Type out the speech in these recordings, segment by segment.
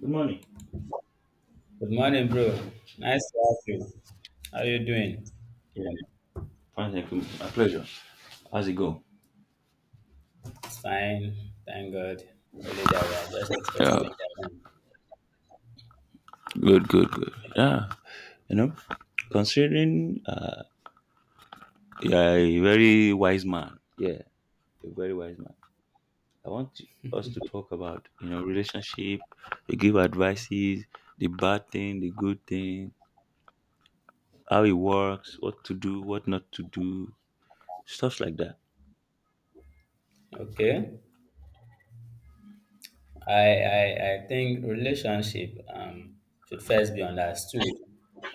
Good morning. Good morning, bro. Nice to have you. How are you doing? Yeah, fine, thank you. My pleasure. How's it go? Fine, thank God. Only that we are just Yeah, yeah, expecting. good, good, good. Yeah, you know, considering you're a very wise man. Yeah, a very wise man. I want us to talk about you know relationship. You give advices, the bad thing, the good thing, how it works, what to do, what not to do, stuff like that. Okay. I think relationship should first be understood.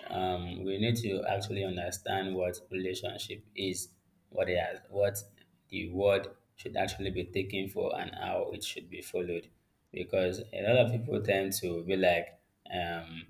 We need to actually understand what relationship is, what it has, what the word should actually be taken for, and how it should be followed. Because a lot of people tend to be like um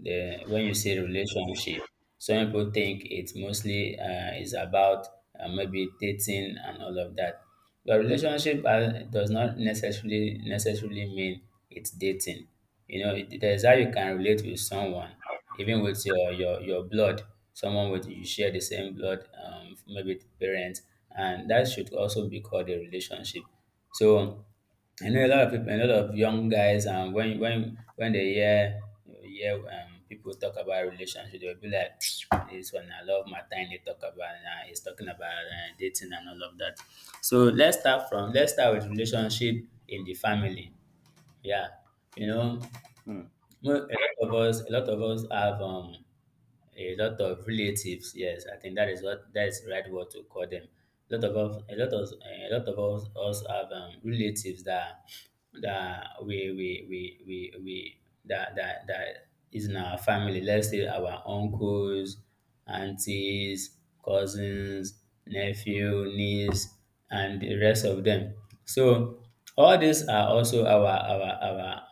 the when you say relationship, some people think it's mostly is about maybe dating and all of that. But relationship does not necessarily mean it's dating. You know, there's how you can relate with someone, even with your blood, someone with you share the same blood, maybe parents, and that should also be called a relationship. So I know a lot of people, a lot of young guys, and when they hear you hear people talk about relationship, they'll be like, this one, I love Martin. They talk about, he's talking about dating and all of that. So let's start with relationship in the family. Yeah. You know, Mm, a a lot of us have, a lot of relatives. Yes, I think that is the right word to call them. A lot of us have relatives that that is in our family. Let's say our uncles, aunties, cousins, nephew, niece, and the rest of them. So all these are also our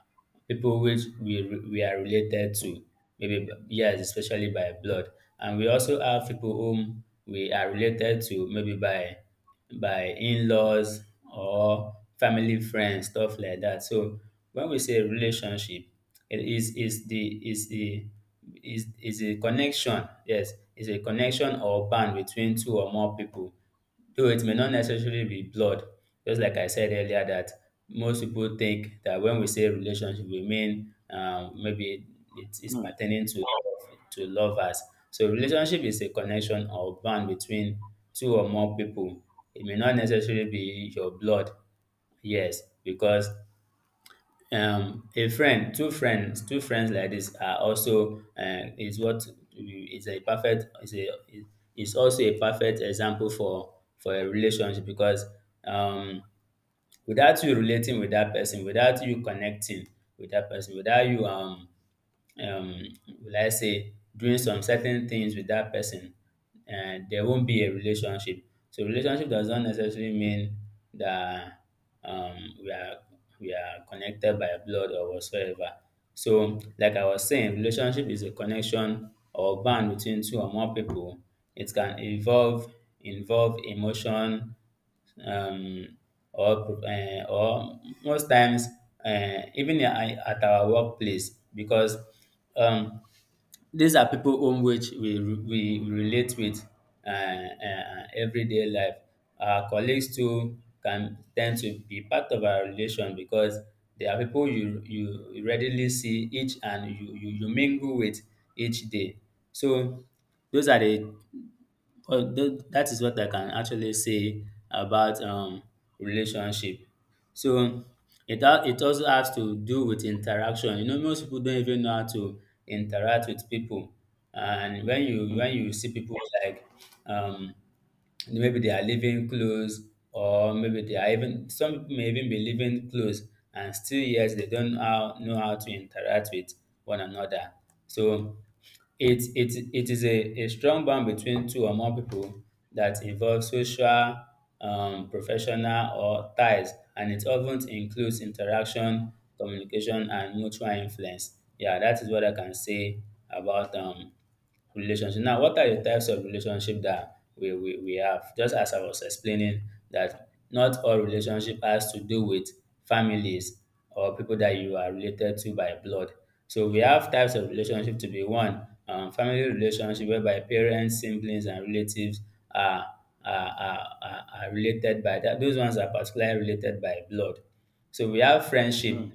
people which we are related to yes, especially by blood. And we also have people whom we are related to, maybe by in-laws or family friends, stuff like that. So when we say relationship, it is the is a connection. Yes, is a connection or bond between two or more people. Though it may not necessarily be blood, just like I said earlier, that most people think that when we say relationship, we mean maybe it is mm, pertaining to love, to lovers. So relationship is a connection or bond between two or more people. It may not necessarily be your blood, yes, because a friend two friends like this are also is a perfect is a is also a perfect example for a relationship because um without you relating with that person, without you connecting with that person, without you um will I say, doing some certain things with that person, and there won't be a relationship. So relationship does not necessarily mean that um, we are connected by blood or whatsoever. So, like I was saying, relationship is a connection or bond between two or more people. It can involve emotion, um, or most times even at our workplace because um, these are people whom which we relate with everyday life. Our colleagues too can tend to be part of our relation because they are people you readily see each and you mingle with each day. So those are the well, that is what I can actually say about relationship. So it also has to do with interaction. You know, most people don't even know how to interact with people, and mm, when you see people like um, maybe they are living close, or maybe they are even some people may even be living close and still yet they don't how, know how to interact with one another. So it is a strong bond between two or more people that involves social, professional or ties, and it often includes interaction, communication, and mutual influence. Yeah, that is what I can say about relationship. Now, what are the types of relationship that we have? Just as I was explaining, that not all relationship has to do with families or people that you are related to by blood. So we have types of relationship to be one, family relationship whereby parents, siblings, and relatives are are related by that. Those ones are particularly related by blood. So we have friendship, mm,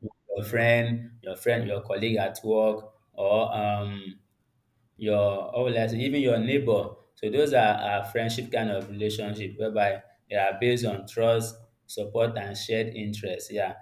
your friend, your colleague at work, or your or like even your neighbor. So those are friendship kind of relationship whereby they are based on trust, support, and shared interest. Yeah,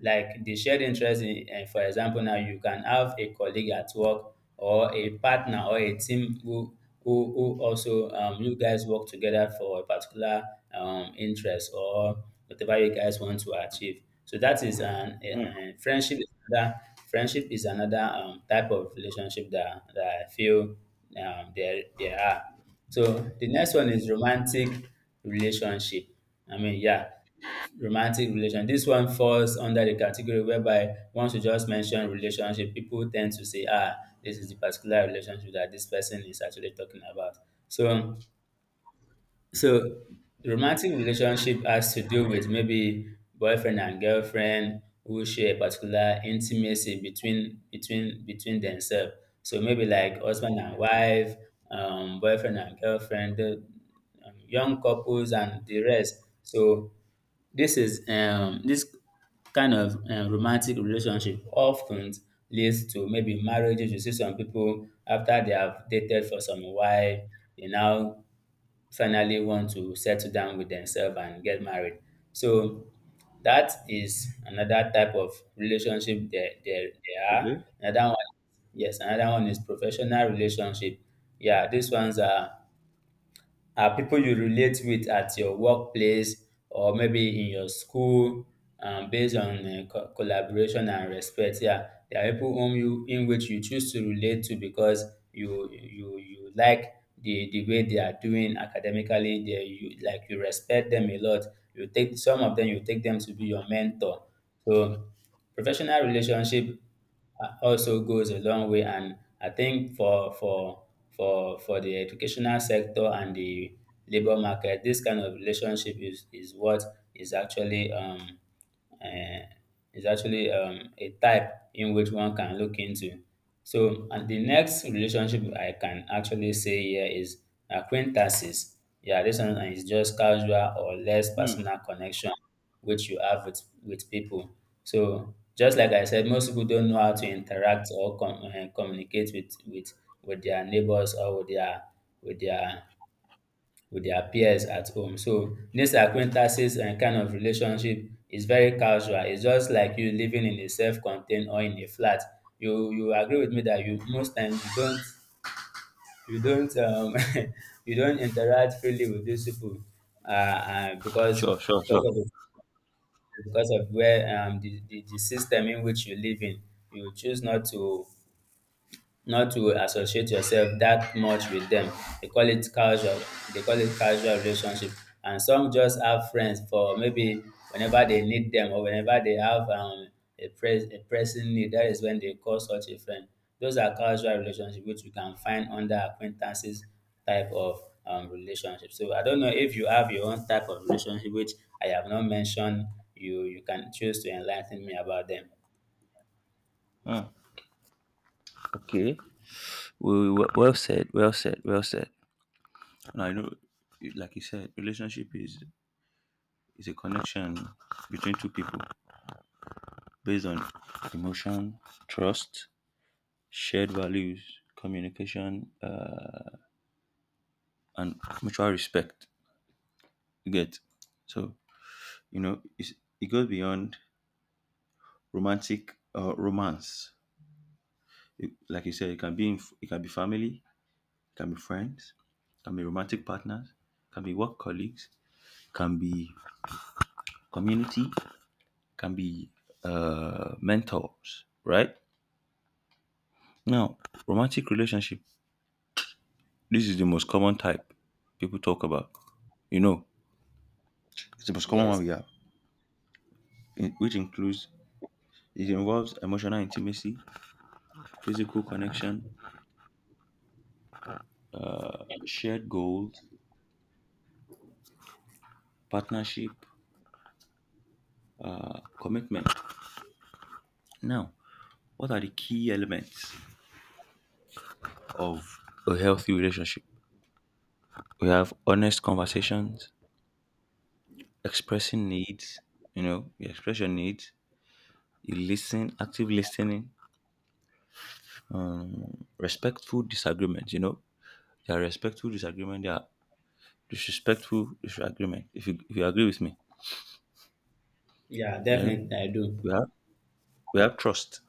like the shared interest in, eh, for example, now you can have a colleague at work or a partner or a team who who also you guys work together for a particular interest or whatever you guys want to achieve. So that is mm. a friendship is another. Friendship is another type of relationship that, that I feel there are. So the next one is romantic relationship. I mean, yeah, romantic relation. This one falls under the category whereby once you just mention relationship, people tend to say, ah, this is the particular relationship that this person is actually talking about. So so romantic relationship has to do with maybe boyfriend and girlfriend who share a particular intimacy between themselves. So maybe like husband and wife, boyfriend and girlfriend, young couples and the rest. So this is this kind of romantic relationship often leads to maybe marriages. You see some people after they have dated for some while, they now finally want to settle down with themselves and get married. So that is another type of relationship there are. Okay. Another one, yes, another one is professional relationship. Yeah, these ones are people you relate with at your workplace or maybe in your school, based on collaboration and respect. Yeah, there are people whom you in which you choose to relate to because you like the way they are doing academically. They you like you respect them a lot. You take some of them, you take them to be your mentor. So professional relationship also goes a long way, and I think for the educational sector and the labor market, this kind of relationship is what is actually um uh, is actually a type in which one can look into. So, and the next relationship I can actually say here is acquaintances. Yeah, this one is just casual or less Mm. personal connection which you have with people. So just like I said, most people don't know how to interact or communicate with their neighbors, or with their with their with their peers at home. So this acquaintances and kind of relationship is very casual. It's just like you living in a self-contained or in a flat. You agree with me that you most times you don't you don't interact freely with these people because Sure, sure, sure. of the, because of where the system in which you live in. You choose not to, not to associate yourself that much with them. They call it casual. They call it casual relationship. And some just have friends for maybe whenever they need them, or whenever they have a pressing need. That is when they call such a friend. Those are casual relationships which you can find under acquaintances type of relationship. So I don't know if you have your own type of relationship which I have not mentioned. You can choose to enlighten me about them. Mm. Okay. Well, well, well said. Well said. Well said. Now, you know, like you said, relationship is a connection between two people based on emotion, trust, shared values, communication, and mutual respect. You get? So you know it goes beyond romantic romance. It, like you said, it can be it can be family, it can be friends, it can be romantic partners, it can be work colleagues, it can be community, can be mentors, right? Now, romantic relationship, this is the most common type people talk about. You know, it's the most common one Yes. we have, in, which includes it involves emotional intimacy, physical connection, shared goals, partnership, commitment. Now, what are the key elements of a healthy relationship? We have honest conversations, expressing needs. You know, you express your needs, you listen, active listening, respectful disagreement, you know, there are respectful disagreement, there are disrespectful disagreement. If you agree with me, Yeah, then definitely I do. we have we have trust.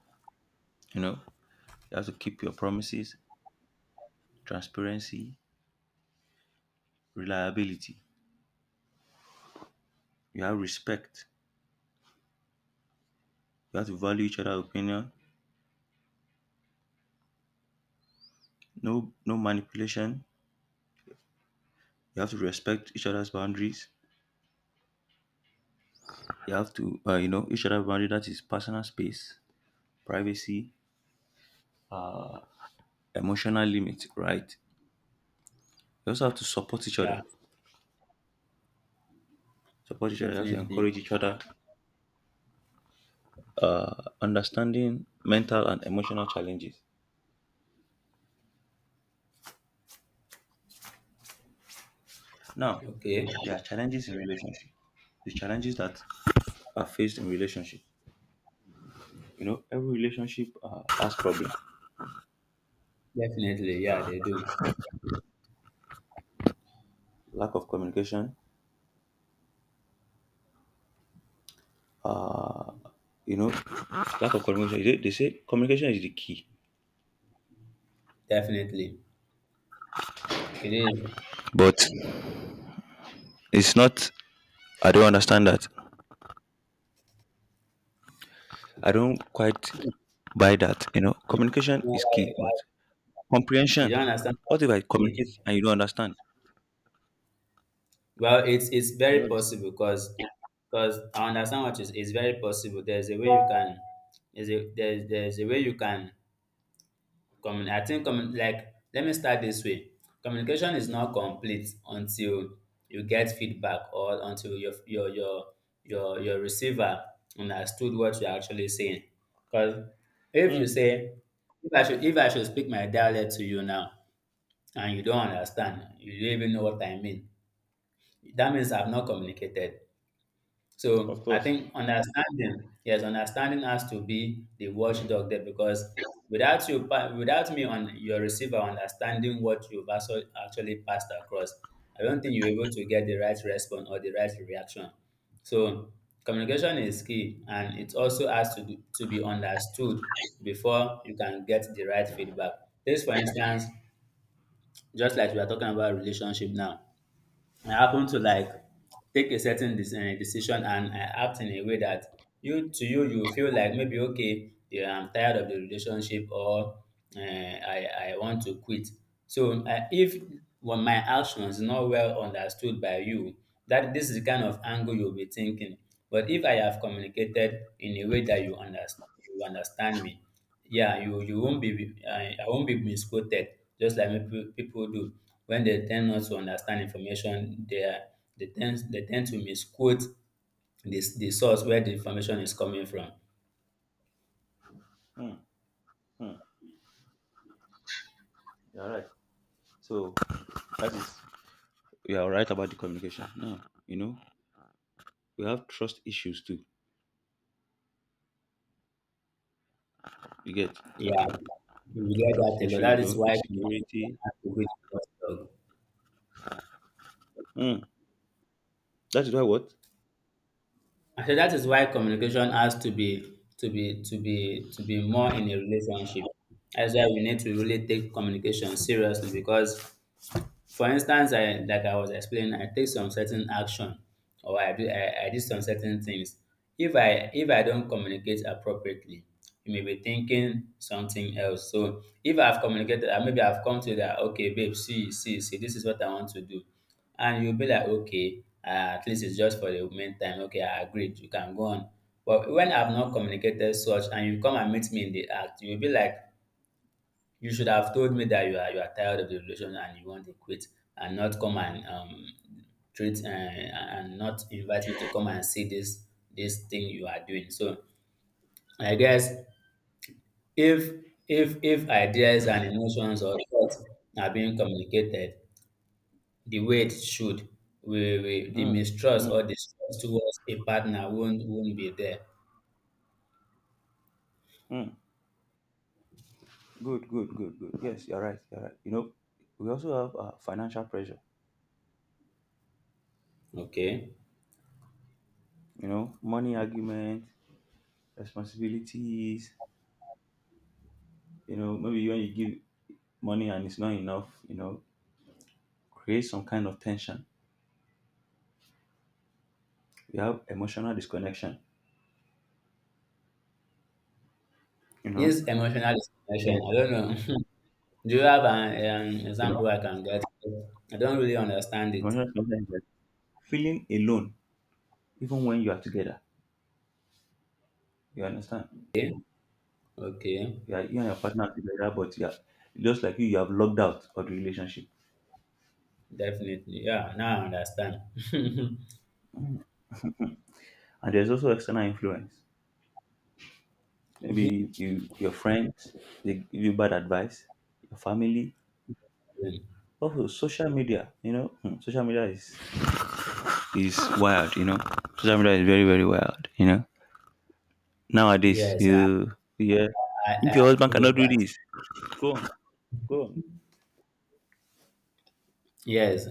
You know, you have to keep your promises, transparency, reliability. You have respect. You have to value each other's opinion. No manipulation. You have to respect each other's boundaries. You have to you know each other's boundary. That is personal space, privacy, emotional limit. Right. You also have to support each Yeah. other. Support each other. You have to Definitely. encourage each other. Understanding mental and emotional challenges. Now, Okay. there are challenges in relationship. The challenges that are faced in relationship. You know, every relationship has problem. Definitely. Yeah, they do. Lack of communication. You know, lack of communication. They say communication is the key, Definitely. It is. but it's not. I don't understand that. I don't quite buy that. You know, You communication know is why- key, but why- you comprehension. don't understand what What if I you're communicate saying. and you don't understand? Well, it's You very understand? possible because I understand what you it's very possible. There's a way you can, there's a way you can. Commun, I think commun, like let me start this way. Communication is not complete until you get feedback, or until your receiver understood what you're actually saying. Because if you Hmm, say if I should, speak my dialect to you now and you don't understand, you don't even know what I mean. That means I've not communicated. of So I course. think understanding, yes, understanding has to be the watchdog there. Because without you, without me on your receiver understanding what you've also actually passed across, I don't think you're able to get the right response or the right reaction. So communication is key, and it also has to do- to be understood before you can get the right feedback. This, for instance, just like we are talking about relationship now, I happen to take a certain decision and I act in a way that you to you you feel like maybe okay, yeah, I'm tired of the relationship, or I want to quit. So if when my actions not well understood by you, that this is the kind of angle you'll be thinking. But if I have communicated in a way that you understand me. Yeah, you won't be I won't be misquoted, just like people do when they tend not to understand information. They tend to misquote this the source where the information is coming from. Hmm, hmm. You're right. So that is you are right about the communication. Now, you know, we have trust issues too. You get Yeah, you get trust that a lot. issue, That you is know, why communication insecurity. has to be the Mm. That is why what? I said that is why communication has to be more in a relationship. That's why we need to really take communication seriously. Because for instance, I was explaining, I take some certain action, or I did some certain things. If I don't communicate appropriately, you may be thinking something else. So if I've communicated and maybe I've come to that, okay, babe, see, this is what I want to do. And you'll be like, okay, at least it's just for the moment time. Okay, I agreed, you can go on. But when I've not communicated such and you come and meet me in the act, you'll be like, you should have told me that you are tired of the relation and you want to quit, and not come and treat and not invite me to come and see this thing you are doing. So I guess if if ideas and emotions or thoughts are being communicated the way it should, we the Mm. mistrust Mm. or distrust towards a partner won't be there. Mm. Good, good, good, good. Yes, you're right. You're right. You know, we also have financial pressure, Okay. you know, money argument, responsibilities, you know, maybe when you give money and it's not enough, you know, create some kind of tension. We have emotional disconnection, you know. Yes, emotional disconnection. Yeah, I don't know. Do you have an you know, example I can get? I don't really understand it. emotional disconnection, feeling alone even when you are together. You understand? Okay, okay, You and your partner are together, but yeah, just like you have logged out of the relationship. definitely. Yeah, now I understand. And there's also external influence. Maybe you, your friends, they give you bad advice, your family, Discipline. also social media. You know, hmm, social media is wild. You know, social media is very wild. You know, nowadays Yes, I, you yeah, I, I if your husband agree cannot with do that. this, go on, go on. Yes,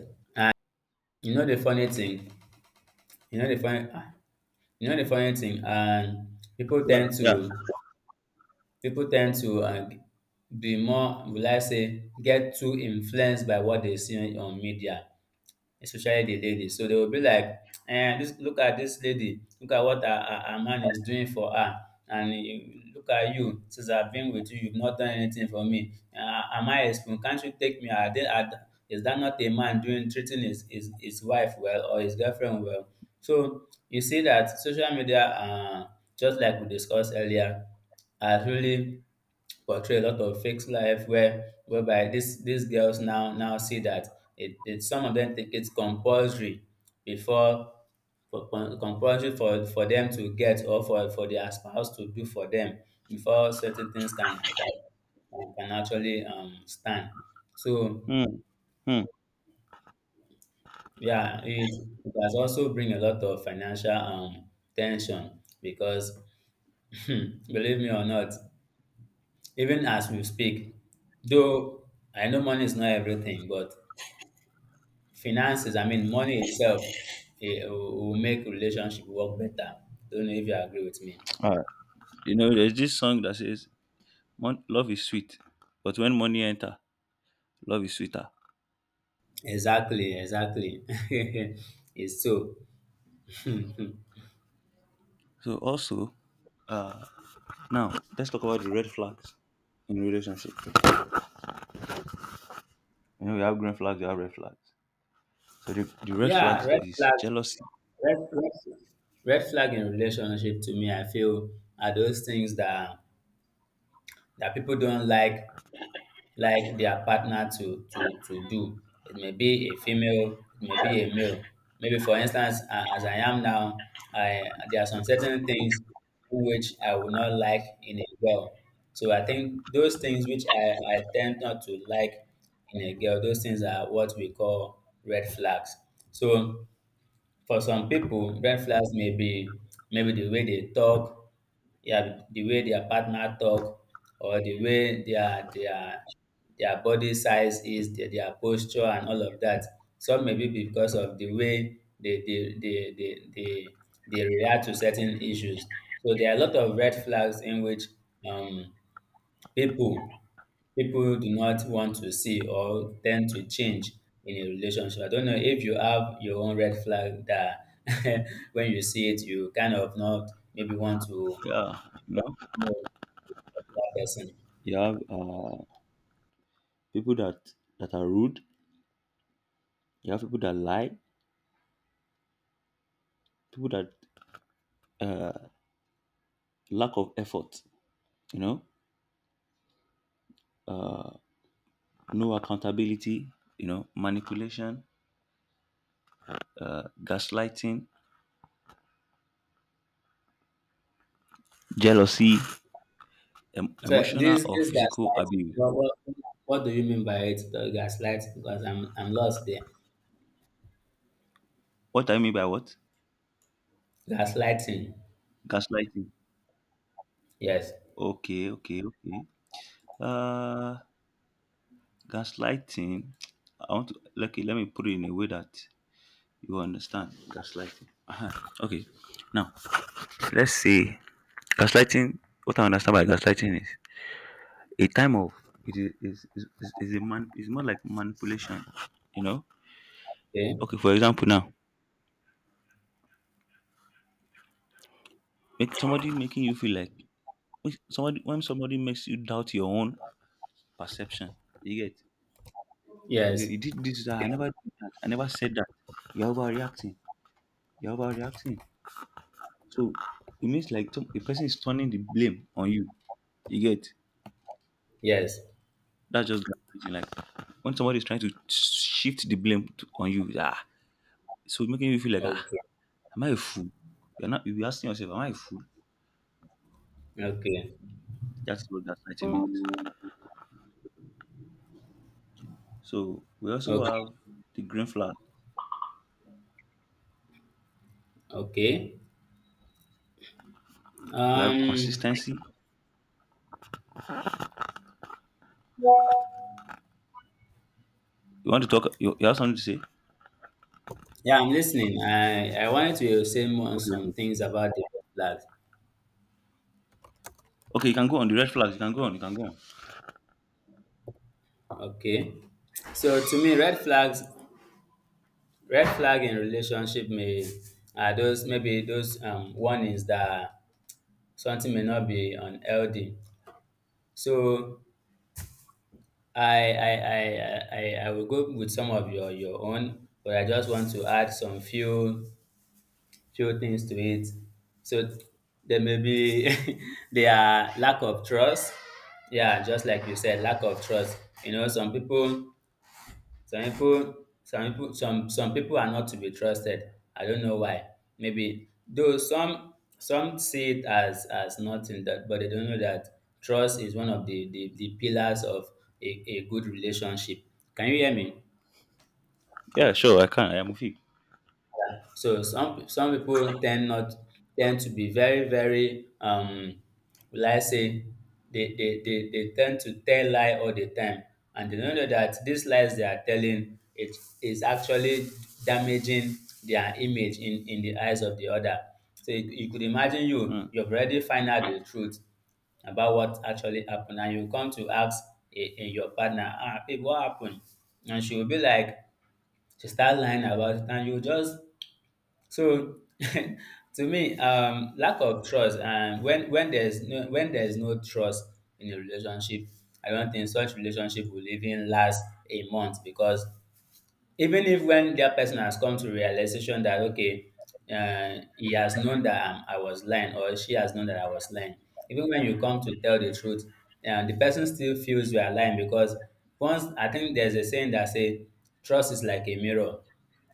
you know the funny thing. You know the funny. ah, You know the funny thing. And Yeah, yeah. People tend to be more. Will I say get too influenced by what they see on media? Especially the ladies. So they will be like, eh, this look at this lady, look at what her man is doing for her. Look at you, since I've been with you, you've not done anything for me. Am I a spoon? Can't you take me? Is that not a man doing treating his wife well or his girlfriend well? So you see that social media, just like we discussed earlier, has really portray a lot of fake life whereby this these girls now see that it some of them think it's compulsory before compulsory for them to get, or for their spouse to do for them before certain things can actually stand. So Hmm. Hmm. yeah, it has also bring a lot of financial tension, because believe me or not, even as we speak, though I know money is not everything, but finances, I mean, money itself, it will make relationship work better. Don't know if you agree with me. All right. You know, there's this song that says, "Mon- Love is sweet, but when money enter, love is sweeter." Exactly, exactly. It's so. So also, uh, now let's talk about the red flags in relationship. You know, you have green flags, you have red flags. So the red Yeah, flags red is flags, jealousy. red, red, red flag in relationship, to me, I feel are those things that people don't like their partner to to do. It may be a female, it may be a male. Maybe for instance, as I am now, I there are some certain things which I would not like in a girl. So I think those things which I tend not to like in a girl, those things are what we call red flags. So for some people, red flags may be maybe the way they talk, yeah, the way their partner talk, or the way their body size is, their posture, and all of that. Some may be because of the way they react to certain issues. So there are a lot of red flags in which um, people people do not want to see or tend to change in a relationship. I don't know if you have your own red flag that when you see it, you kind of not maybe want to Yeah, you know, know that person. you have people that are rude. You have people that lie. People that uh, lack of effort. You know, uh, no accountability. You know, manipulation, gaslighting, jealousy, em- So emotional or this physical gaslighting, abuse? What do you mean by it? The gaslighting, because I'm lost there. What do I mean by what? Gaslighting, Gaslighting. yes, Okay, okay, okay. Uh, gaslighting. I want to like let me put it in a way that you understand. Gaslighting. Okay. Now let's see. Gaslighting. What I understand by gaslighting is a time of it is a man. It's more like manipulation. You know. okay, Okay. For example, now make somebody making you feel like when somebody makes you doubt your own perception. You get? You say, yes, "You did this. That. I never did that. I never said that. You're overreacting. You're overreacting." So it means like some- the person is turning the blame on you. You get? yes, That's just gaslighting. Like when somebody is trying to shift the blame on you. Ah, so it's making you feel like ah, okay, am I a fool? You're not. You're asking yourself, am I a fool? okay, That's what gaslighting means. So we also okay, have the green flag. okay. We have Um. consistency. You want to talk? You have something to say? Yeah, I'm listening. I wanted to say more on Okay, some okay. things about the red flags. Okay, you can go on the red flags. You can go on. You can go on. Okay. So to me, red flag in relationship may are those maybe those warnings that something may not be unhealthy. So I will go with some of your own, but I just want to add some few few things to it. So there may be there are lack of trust. Yeah, just like you said, lack of trust. You know, some people, some people are not to be trusted. I don't know why. Maybe though some see it as nothing that, but they don't know that trust is one of the pillars of a good relationship. Can you hear me? Yeah, sure, I can. I am with you. So some people tend not tend to be very very will I say they tend to tell lie all the time, and they don't know that these lies they are telling it is actually damaging their image in the eyes of the other. So you could imagine you Mm, you've already find out the truth about what actually happened and you come to ask a your partner, ah, babe, what happened? And she will be like she start lying about it, and you just so to me, lack of trust. And when there's no trust in a relationship, I don't think such relationship will even last a month. Because even if when that person has come to realization that okay, he has known that I was lying, or she has known that I was lying, even when you come to tell the truth, the person still feels you are lying. Because once, I think there's a saying that say trust is like a mirror.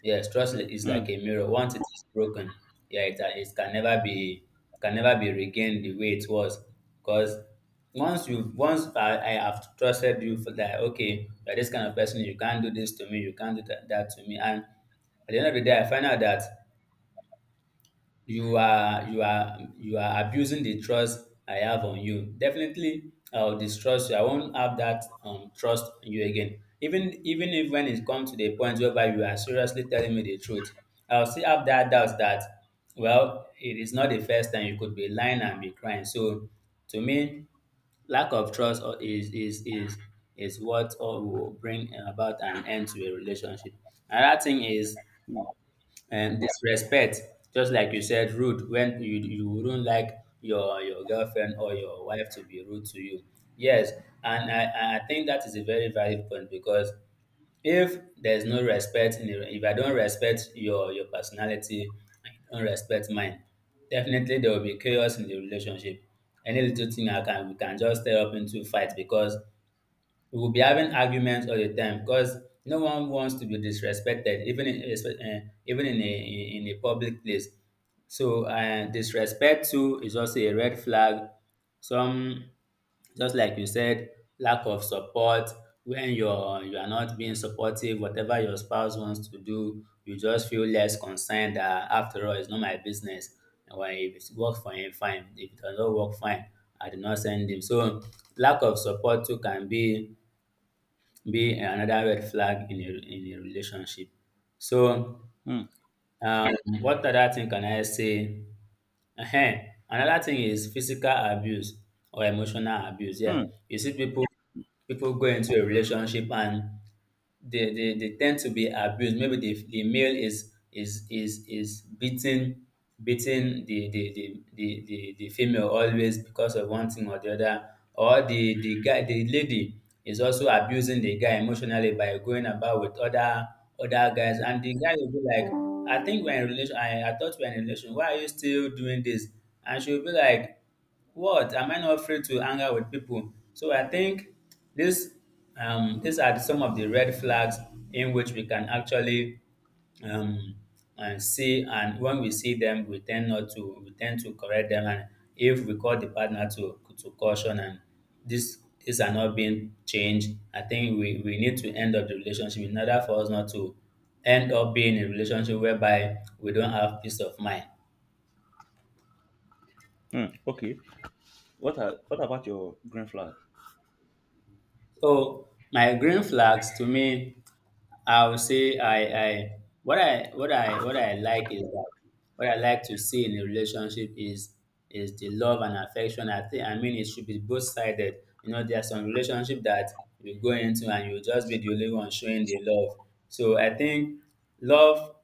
Yes, is like mm, a mirror. Once it is broken, yeah, it can never be, regained the way it was. Because once you once I have trusted you for that, okay, you're this kind of person, you can't do this to me, you can't do that to me, and at the end of the day I find out that you are abusing the trust I have on you, definitely I'll distrust you. I won't have that trust in you again. Even if when it comes to the point whereby you are seriously telling me the truth, I'll still have that doubt that, well, it is not the first time, you could be lying and be crying. So to me, Lack of trust or- is what all will bring about an end to a relationship. Another thing is mm, disrespect. Just like you said, rude. When you wouldn't like your girlfriend or your wife to be rude to you. Yes, and I think that is a very valid point. Because if there's no respect in a, if I don't respect your personality, and you don't respect mine, definitely there will be chaos in the relationship. Any little thing I can we can just stir up into fight, because we will be having arguments all the time, because no one wants to be disrespected, even in a in a public place. So disrespect too is also a red flag. Some, just like you said, lack of support. When you are not being supportive, whatever your spouse wants to do, you just feel less concerned that after all, it's not my business. And when if it works for him, fine. If it doesn't work, fine. I did not send him. So lack of support too can be another red flag in a relationship. So mm, um, what other thing can I say? Ehen, another thing is physical abuse or emotional abuse. Yeah, mm, you see people, people go into a relationship, and they tend to be abused. Maybe the male is beating the female always, because of one thing or the other. Or the lady is also abusing the guy emotionally by going about with other guys, and the guy will be like, I think we're in relation. I thought we are in a relation. Why are you still doing this? And she'll be like, what? Am I not free to hang out with people? So I think this these are some of the red flags in which we can actually um, and see, and when we see them we tend to correct them. And if we call the partner to caution, and this these are not being changed, I think we need to end up the relationship in order for us not to end up being in a relationship whereby we don't have peace of mind. mm. Okay. What are, what about your green flag? So my green flags, to me, I would say I what I what I like is that what I like to see in a relationship is the love and affection. I think, I mean, it should be both sided. You know, there are some relationship that you go into and you just be the only one showing the love. So I think love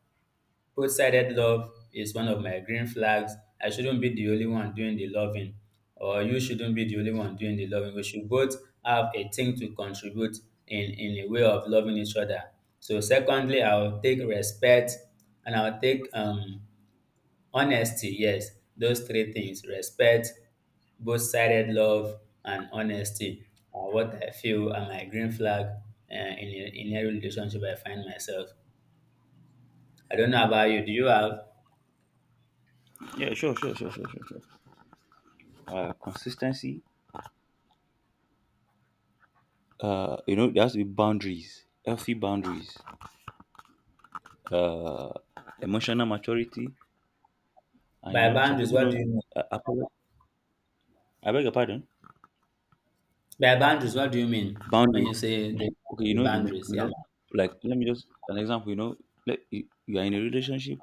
both-sided love is one of my green flags. I shouldn't be the only one doing the loving, or you shouldn't be the only one doing the loving. We should both have a thing to contribute in a way of loving each other. So secondly, I'll take respect, and I'll take honesty. Yes, those three things: respect, both-sided love, and honesty are what I feel are my green flag, in in a relationship I find myself. I don't know about you. Do you have? Yeah, sure, sure, sure, sure, sure, sure. Consistency. You know, there has to be boundaries, healthy boundaries. Uh, emotional maturity, and you By know, some boundaries, people what do don't. you mean? I, apolo- I beg your pardon. By boundaries, what do you mean when Boundaries. you say Okay, you the know, you may- boundaries? you Yeah. know, like let me just an example. You know, like you are in a relationship.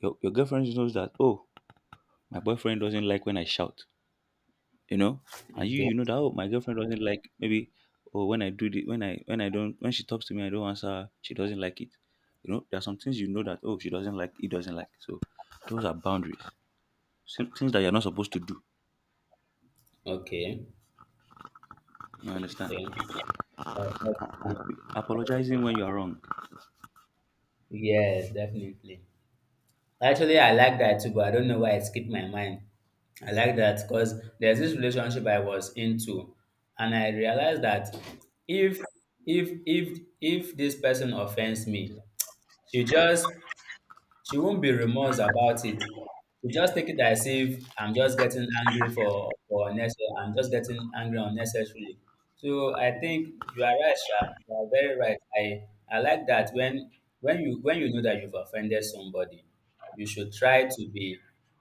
Your girlfriend knows that. Oh, my boyfriend doesn't like when I shout. You know, and you Okay. you know that, oh, my girlfriend doesn't like, maybe, or when I do the when I don't, when she talks to me I don't answer her, she doesn't like it. You know, there are some things you know that, oh, she doesn't like, he doesn't like, so those are boundaries. Some things that you're not supposed to do, Okay. you understand. Okay. Uh, And apologizing when you are wrong. Yes, definitely. Actually, I like that too, but I don't know why it skipped my mind. I like that because there's this relationship I was into, and I realized that if if this person offends me, she just she won't be remorse about it. She just take it as if I'm just getting angry for unnecessary. I'm just getting angry unnecessarily. So I think you are right, Sha. You are very right. I like that when when you know that you've offended somebody, you should try to be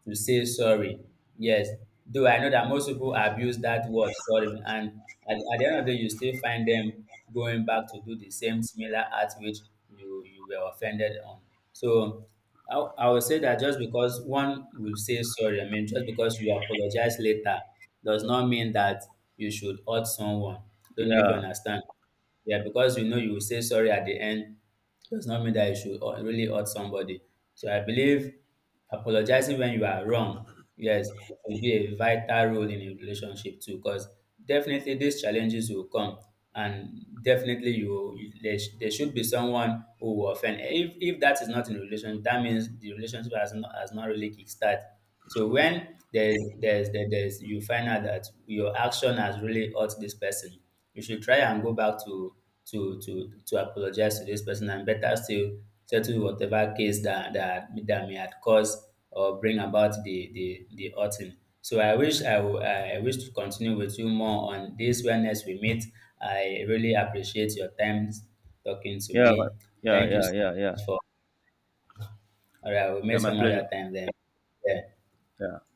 to say sorry. Yes, though I know that most people abuse that word sorry, and at the end of the day, you still find them going back to do the same similar act which you were offended on. So I would say that just because one will say sorry, I mean, just because you apologize later, does not mean that you should hurt someone. Don't know if you Yeah. understand. Yeah, because you know you will say sorry at the end does not mean that you should really hurt somebody. So I believe apologizing when you are wrong, yes, will be a vital role in a relationship too, because definitely these challenges will come, and definitely there should be someone who will offend. If that is not in a relationship, that means the relationship has not really kickstart. So when there's, you find out that your action has really hurt this person, you should try and go back to to apologize to this person, and better still settle whatever case that that may have caused or bring about the the outing. So I wish I wish to continue with you more on this when next we meet. I really appreciate your time talking to Yeah, my- me. yeah, Thank you yeah, so yeah, yeah. much for. All right, we'll meet Yeah, my some other pleasure. time then. Yeah. Yeah.